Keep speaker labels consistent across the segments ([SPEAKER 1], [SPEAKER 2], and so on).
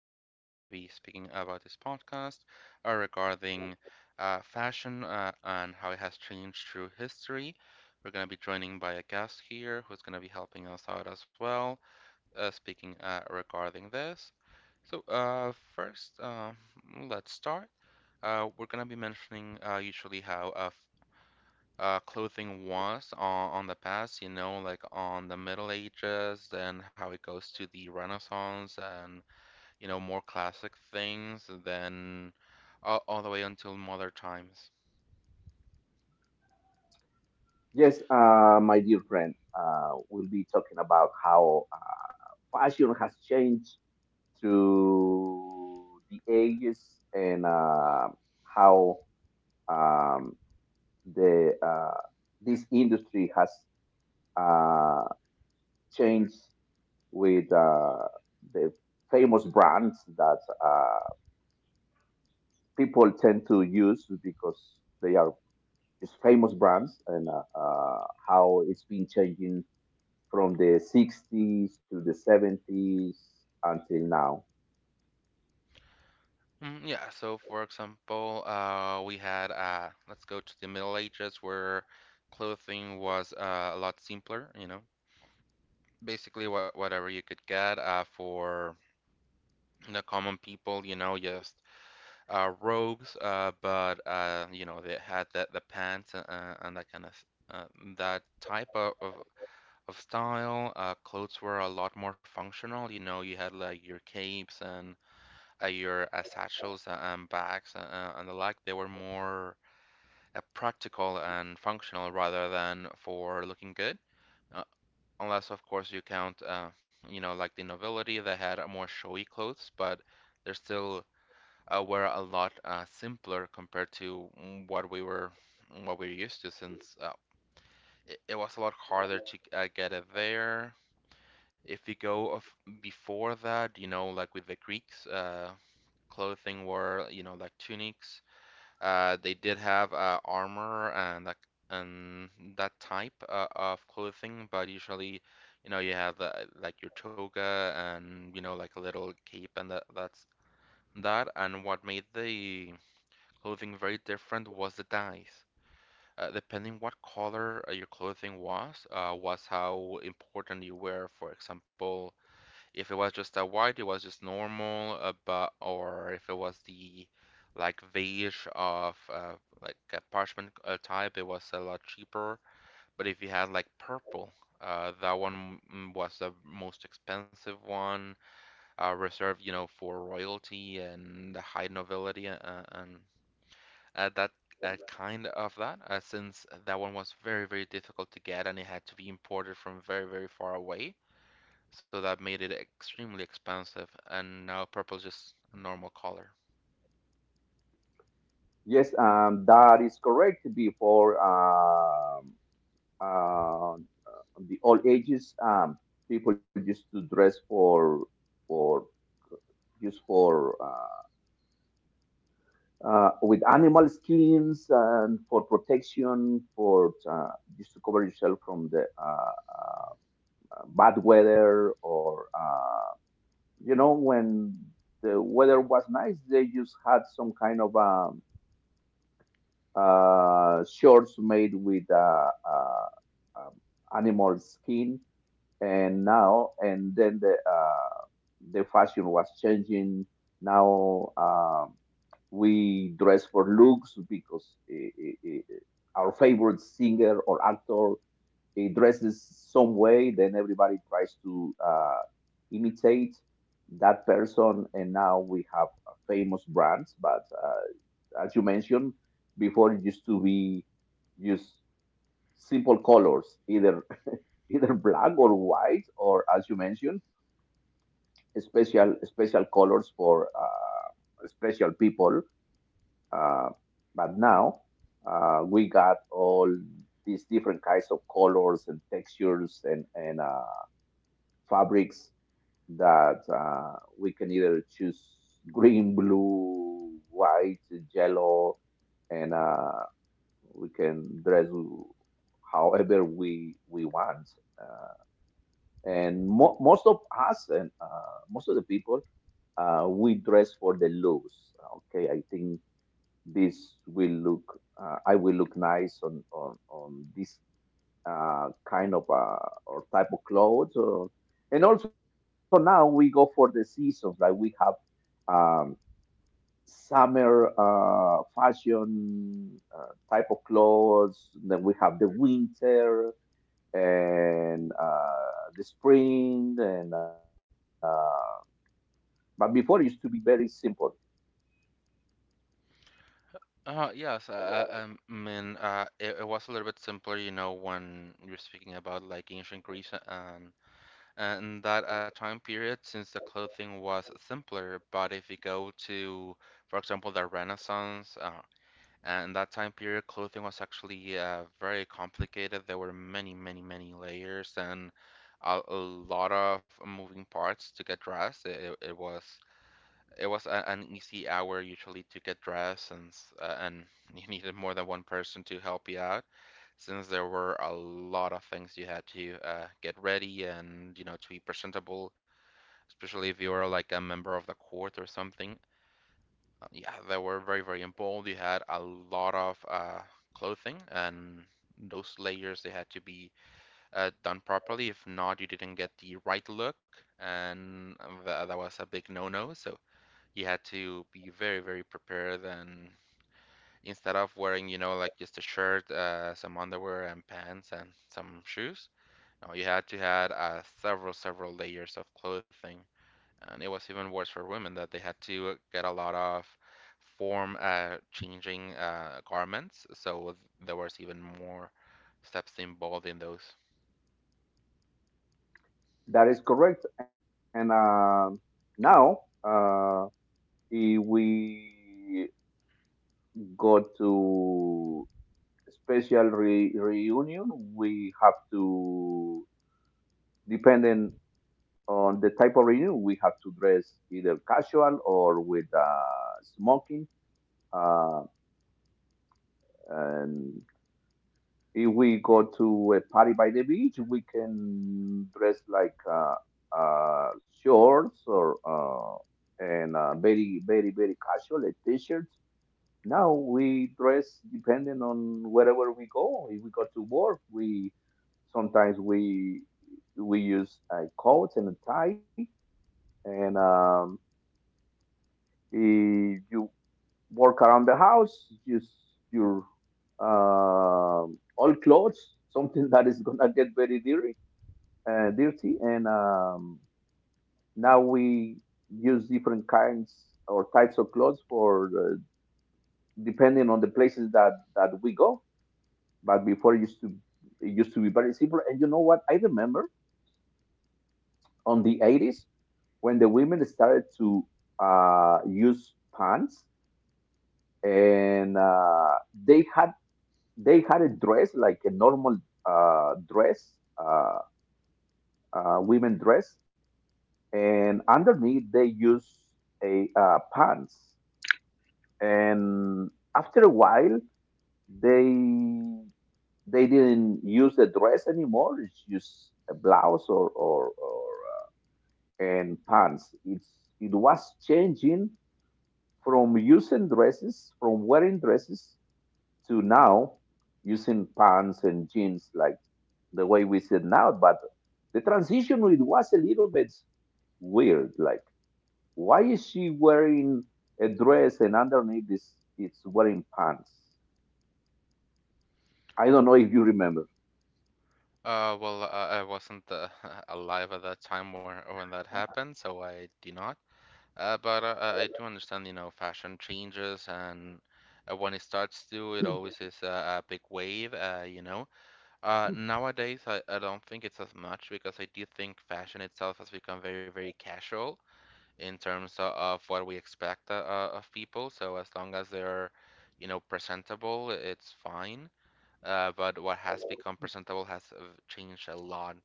[SPEAKER 1] Today we're going to be speaking about this podcast regarding fashion and how it has changed through history. We're going to be joining by a guest here who's going to be helping us out as well, speaking regarding this. So, first, let's start. We're going to be mentioning usually how clothing was on the past, you know, like on the Middle Ages and how it goes to the Renaissance and, you know, more classic things, then all the way until modern times.
[SPEAKER 2] Yes, my dear friend, we'll be talking about how fashion has changed through the ages and how um, the this industry has uh, changed with the famous brands that uh, people tend to use because they are just famous brands, and how it's been changing from the 60s to the 70s until now.
[SPEAKER 1] Mm, yeah, so for example, we had, let's go to the Middle Ages where clothing was a lot simpler, you know. Basically, whatever you could get for the common people, you know, just robes, but, you know, they had the pants and that kind of uh, that type of style. Clothes were a lot more functional. You know, you had like your capes and your satchels and bags, and the like. They were more practical and functional rather than for looking good. Uh, Unless, of course, you count, you know, like the nobility, they had more showy clothes, but they're still were a lot simpler compared to what we were, what we were used to, since it was a lot harder to get it there. If you go of before that, you know, like with the Greeks, clothing were, you know, like tunics. They did have armor and that type of clothing, but usually, you know, you have like your toga and, you know, like a little cape and that's that. And what made the clothing very different was the dyes. Depending what color your clothing was how important you were. For example, if it was just a white, it was just normal, but or if it was the like beige of, like a parchment type, it was a lot cheaper. But if you had like purple, that one, was the most expensive one, reserved, you know, for royalty and the high nobility, and that kind of that, since that one was very, very difficult to get and it had to be imported from very, very far away. So that made it extremely expensive, and now purple is just a normal color.
[SPEAKER 2] Yes, that is correct. Before the old ages, people used to dress for just for with animal skins and for protection, for just to cover yourself from the bad weather. Or You know, when the weather was nice, they just had some kind of shorts made with um, animal skin, and now and then the fashion was changing. Now, we dress for looks because I our favorite singer or actor, he dresses some way, then everybody tries to imitate that person, and now we have famous brands. But as you mentioned before, it used to be just simple colors, either either black or white, or, as you mentioned, special colors for special people. Uh, but now, we got all these different kinds of colors and textures, and fabrics that we can either choose green, blue, white, yellow, and we can dress however we want. Uh, and most of us, and most of the people, we dress for the looks. Okay, I think this will look. I will look nice on this kind of or type of clothes. Or, and also now we go for the seasons. Like we have um, summer fashion type of clothes. Then we have the winter and the spring. And but before it used to be very simple.
[SPEAKER 1] Yes, I mean, it was a little bit simpler, you know, when you're speaking about like ancient Greece and that time period, since the clothing was simpler. But if you go to, for example, the Renaissance, and in that time period, clothing was actually very complicated. There were many, many, many layers and a lot of moving parts to get dressed. It was, it was a, an easy hour usually to get dressed, and and you needed more than one person to help you out, since there were a lot of things you had to get ready and, you know, to be presentable, especially if you were like a member of the court or something. Yeah, they were very, very involved. You had a lot of clothing, and those layers, they had to be done properly. If not, you didn't get the right look, and that was a big no-no. So you had to be very, very prepared. And instead of wearing, you know, like just a shirt, some underwear and pants and some shoes, no, you had to had several, several layers of clothing, and it was even worse for women, that they had to get a lot of form changing garments. So there was even more steps involved in those.
[SPEAKER 2] That is correct. And now, if we go to special reunion, we have to, depending on the type of reunion, we have to dress either casual or with smoking. Uh, and if we go to a party by the beach, we can dress like shorts, or and very, very, very casual, a t-shirt. Now we dress depending on wherever we go. If we go to work, we sometimes we use a coat and a tie. And if you work around the house, use your all clothes, something that is gonna get very dirty, dirty. And now we use different kinds or types of clothes for depending on the places that we go. But before, it used to be very simple. And you know what? I remember on the 80s when the women started to use pants, and uh, they had a dress, like a normal dress, uh, women dress, and underneath they use a pants. And after a while, they they didn't use the dress anymore. It's just a blouse, or and pants. It was changing from using dresses, from wearing dresses, to now using pants and jeans like the way we said now. But the transition, it was a little bit weird. Like, why is she wearing a dress and underneath this it's wearing pants? I don't know if you remember.
[SPEAKER 1] Well, I wasn't alive at that time where, when that happened, so I do not. But I do understand, you know, fashion changes, and when it starts to, it always is a big wave, you know. Nowadays, I don't think it's as much, because I do think fashion itself has become very, very casual, in terms of what we expect of people. So as long as they're, you know, presentable, it's fine. But what has become presentable has changed a lot.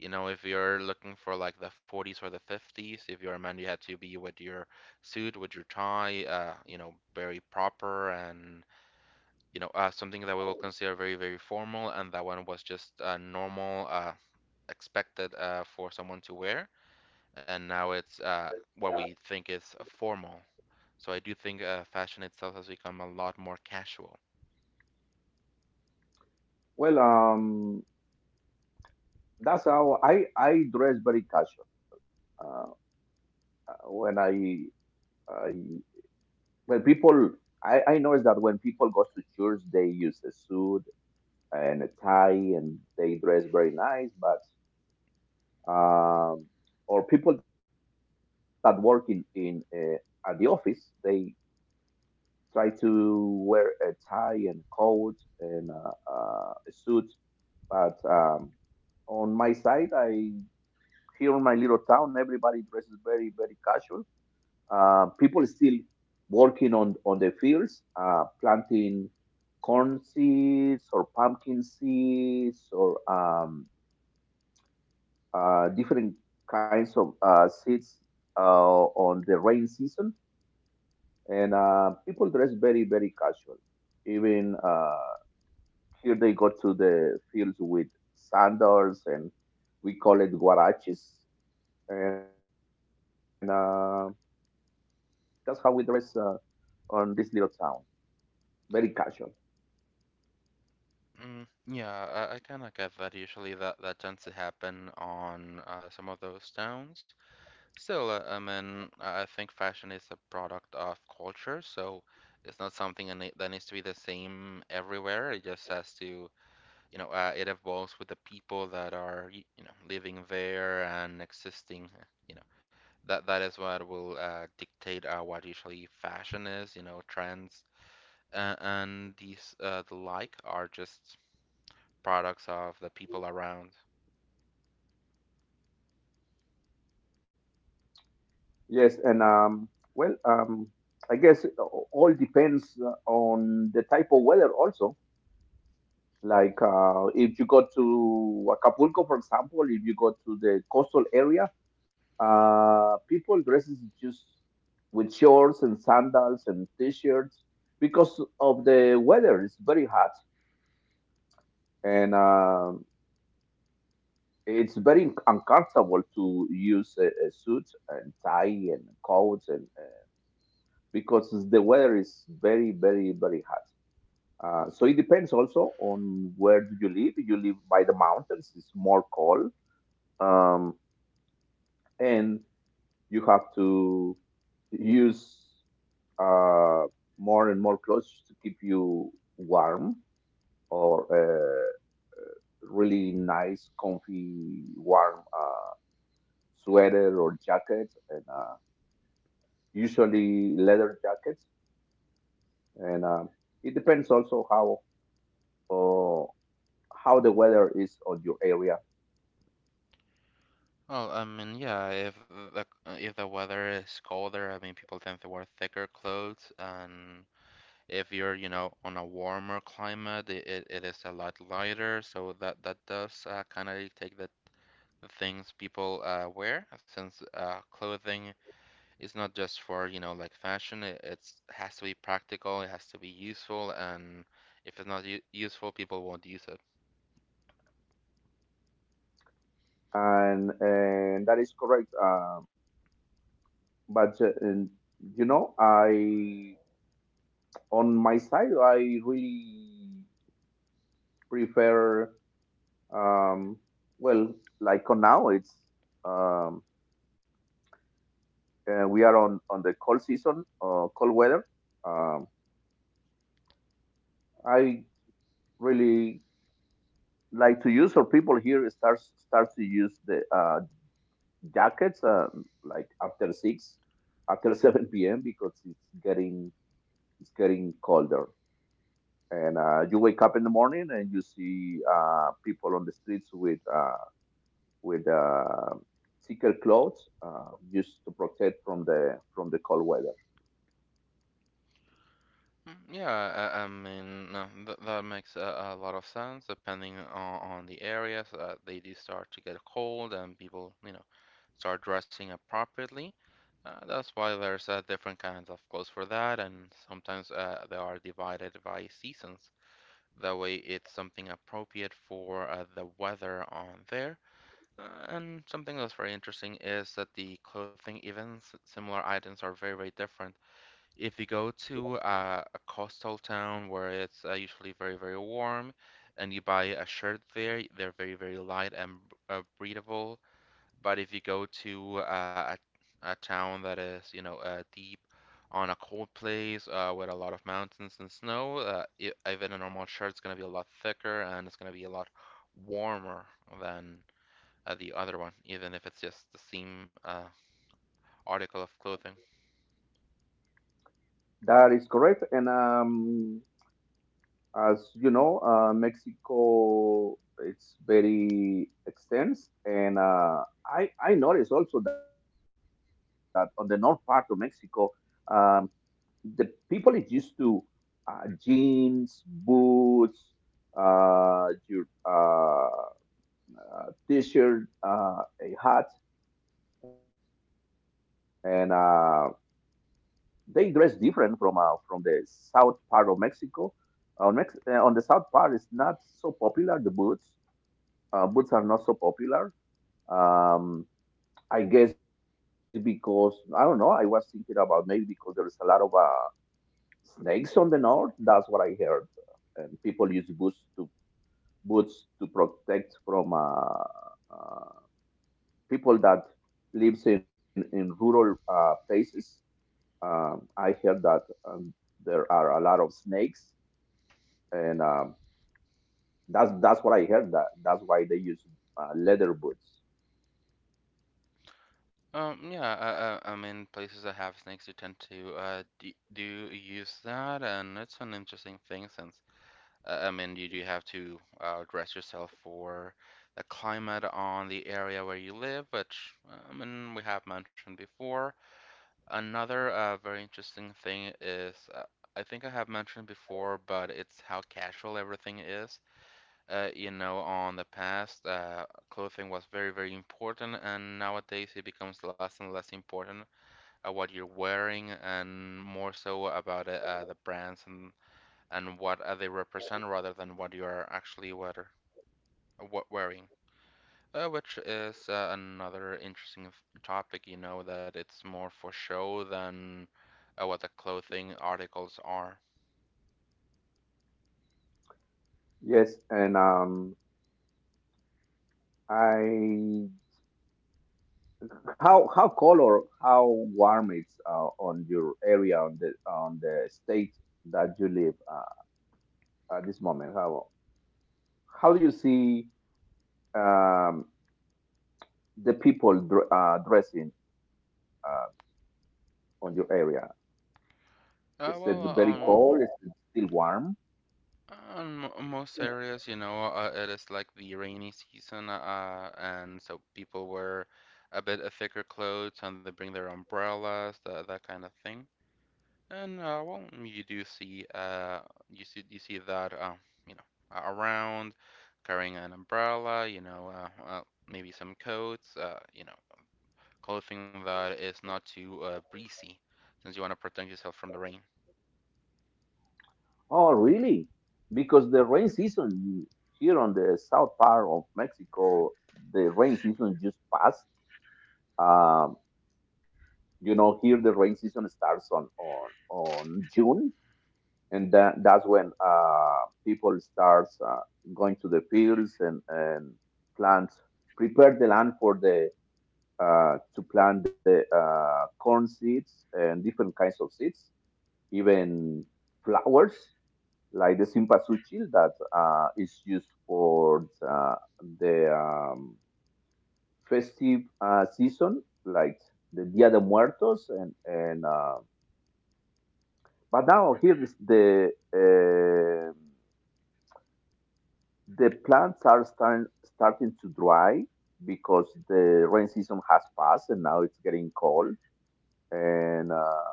[SPEAKER 1] You know, if you're looking for like the 40s or the 50s, if you're a man, you had to be with your suit, with your tie, you know, very proper and, you know, something that we will consider very, very formal. And that one was just normal, expected for someone to wear, and now it's what we think is formal. So I do think fashion itself has become a lot more casual.
[SPEAKER 2] Well, that's how I dress, very casual. Uh, when I Well, people, I noticed that when people go to church, they use a suit and a tie and they dress very nice. But, um, or people that work in at the office, they try to wear a tie and coat and a suit. But on my side, I here in my little town, everybody dresses very, very casual. People are still working on the fields, planting corn seeds or pumpkin seeds or different kinds of seeds uh, on the rain season. And people dress very, very casual. Even here they go to the fields with sandals, and we call it guaraches. And that's how we dress on this little town. Very casual.
[SPEAKER 1] Mm, yeah, I kind of get that. Usually, that tends to happen on some of those towns. Still, I mean, I think fashion is a product of culture, so it's not something that that needs to be the same everywhere. It just has to, you know, it evolves with the people that are, you know, living there and existing. You know, that is what will dictate what usually fashion is. You know, trends and these the like are just products of the people around.
[SPEAKER 2] Yes, and well, um, I guess it all depends on the type of weather also. Like, if you go to Acapulco, for example, if you go to the coastal area, people dresses just with shorts and sandals and t-shirts because of the weather. It's very hot, and it's very uncomfortable to use a suit and tie and coats, and because the weather is very, very, very hot. So it depends also on where do you live. You live by the mountains; it's more cold, um, and you have to use uh, more and more clothes to keep you warm, or really nice, comfy, warm sweater or jacket, and usually leather jackets. And it depends also uh, how the weather is on your area.
[SPEAKER 1] Well, I mean, yeah, the if the weather is colder, I mean, people tend to wear thicker clothes, and if you're, you know, on a warmer climate, it is a lot lighter, so that does kind of dictate the things people wear, since clothing is not just for, you know, like fashion. Has to be practical, it has to be useful, and if it's not useful, people won't use it.
[SPEAKER 2] And that is correct. But uh, and, you know, I on my side, I really prefer. Um, well, like on now, it's um, we are on the cold season, cold weather. Um, I really like to use, or people here starts to use the jackets like after six, after 7 p.m. because it's getting colder. And you wake up in the morning and you see people on the streets with thicker clothes just to protect from the cold weather.
[SPEAKER 1] Mm, yeah, I mean, no, that makes a lot of sense, depending on the areas. They do start to get cold and people, you know, start dressing appropriately. That's why there's different kinds of clothes for that, and sometimes they are divided by seasons. That way, it's something appropriate for the weather on there. And something that's very interesting is that the clothing, even similar items, are very, very different. If you go to a coastal town where it's usually very, very warm, and you buy a shirt there, they're very, very light and breathable. But if you go to a town that is, you know, deep on a cold place with a lot of mountains and snow, even a normal shirt's gonna be a lot thicker and it's gonna be a lot warmer than the other one, even if it's just the same article of clothing.
[SPEAKER 2] That is correct. And as you know, Mexico it's very extensive. And I noticed also that on the north part of Mexico, um, the people is used to jeans, boots, your t-shirt, a hat, and they dress different from the south part of Mexico. On the south part, it's not so popular. The boots, boots are not so popular. Um, I guess because I don't know. I was thinking about, maybe because there is a lot of snakes on the north. That's what I heard. And people use boots to protect from people that lives in rural places. I heard that there are a lot of snakes, and that's what I heard. That's why they use leather boots.
[SPEAKER 1] Yeah, I mean, places that have snakes, you tend to do use that, and it's an interesting thing, since I mean, you do have to dress yourself for the climate on the area where you live, which I mean, we have mentioned before. Another very interesting thing is, I think I have mentioned before, but it's how casual everything is. You know, on the past, clothing was very, very important, and nowadays it becomes less and less important what you're wearing, and more so about the brands and what they represent rather than what you are actually wearing. Which is another interesting topic, you know, that it's more for show than what the clothing articles are.
[SPEAKER 2] Yes, and I how cold or how warm it's on your area, on the state that you live at this moment? How do you see um, the people dressing on your area? Is it
[SPEAKER 1] Well,
[SPEAKER 2] very cold? Is it still warm?
[SPEAKER 1] on most areas, you know, it is like the rainy season, and so people wear a bit thicker clothes and they bring their umbrellas, that kind of thing. And well, you do see you see that you know, around, carrying an umbrella, you know, maybe some coats, you know, clothing that is not too breezy, since you want to protect yourself from the rain.
[SPEAKER 2] Oh, really? Because the rain season here on the south part of Mexico, the rain season just passed. Um, you know, here the rain season starts on June, and that, that's when people starts going to the fields, and plant prepare the land for the to plant the corn seeds and different kinds of seeds, even flowers like the simpasuchil that is used for the, the um, festive season, like the dia de muertos and but now here is the plants are starting to dry because the rain season has passed and now it's getting cold. And uh,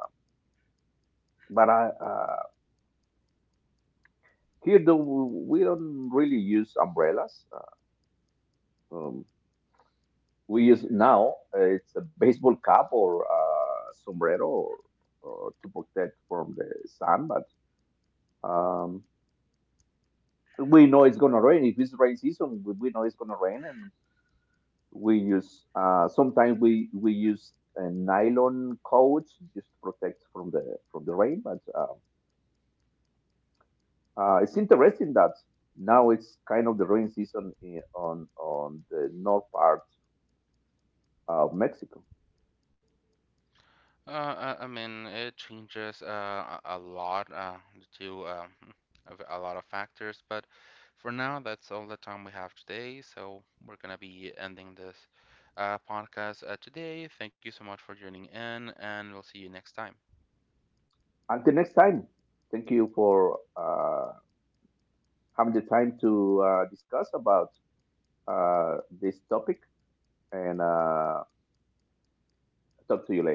[SPEAKER 2] but I, uh, Here though, we don't really use umbrellas. Um, we use now, it's a baseball cap, or sombrero, or to protect from the sun. But um, we know it's gonna rain. If it's rain season, we know it's gonna rain, and we use, sometimes we use a nylon coat just to protect from the rain. But It's interesting that now it's kind of the rain season in, on the north part of Mexico.
[SPEAKER 1] I mean, it changes a lot due to of a lot of factors, but for now, that's all the time we have today. So we're gonna be ending this podcast today. Thank you so much for joining in, and we'll see you next time.
[SPEAKER 2] Until next time, thank you for having the time to discuss about this topic, and talk to you later.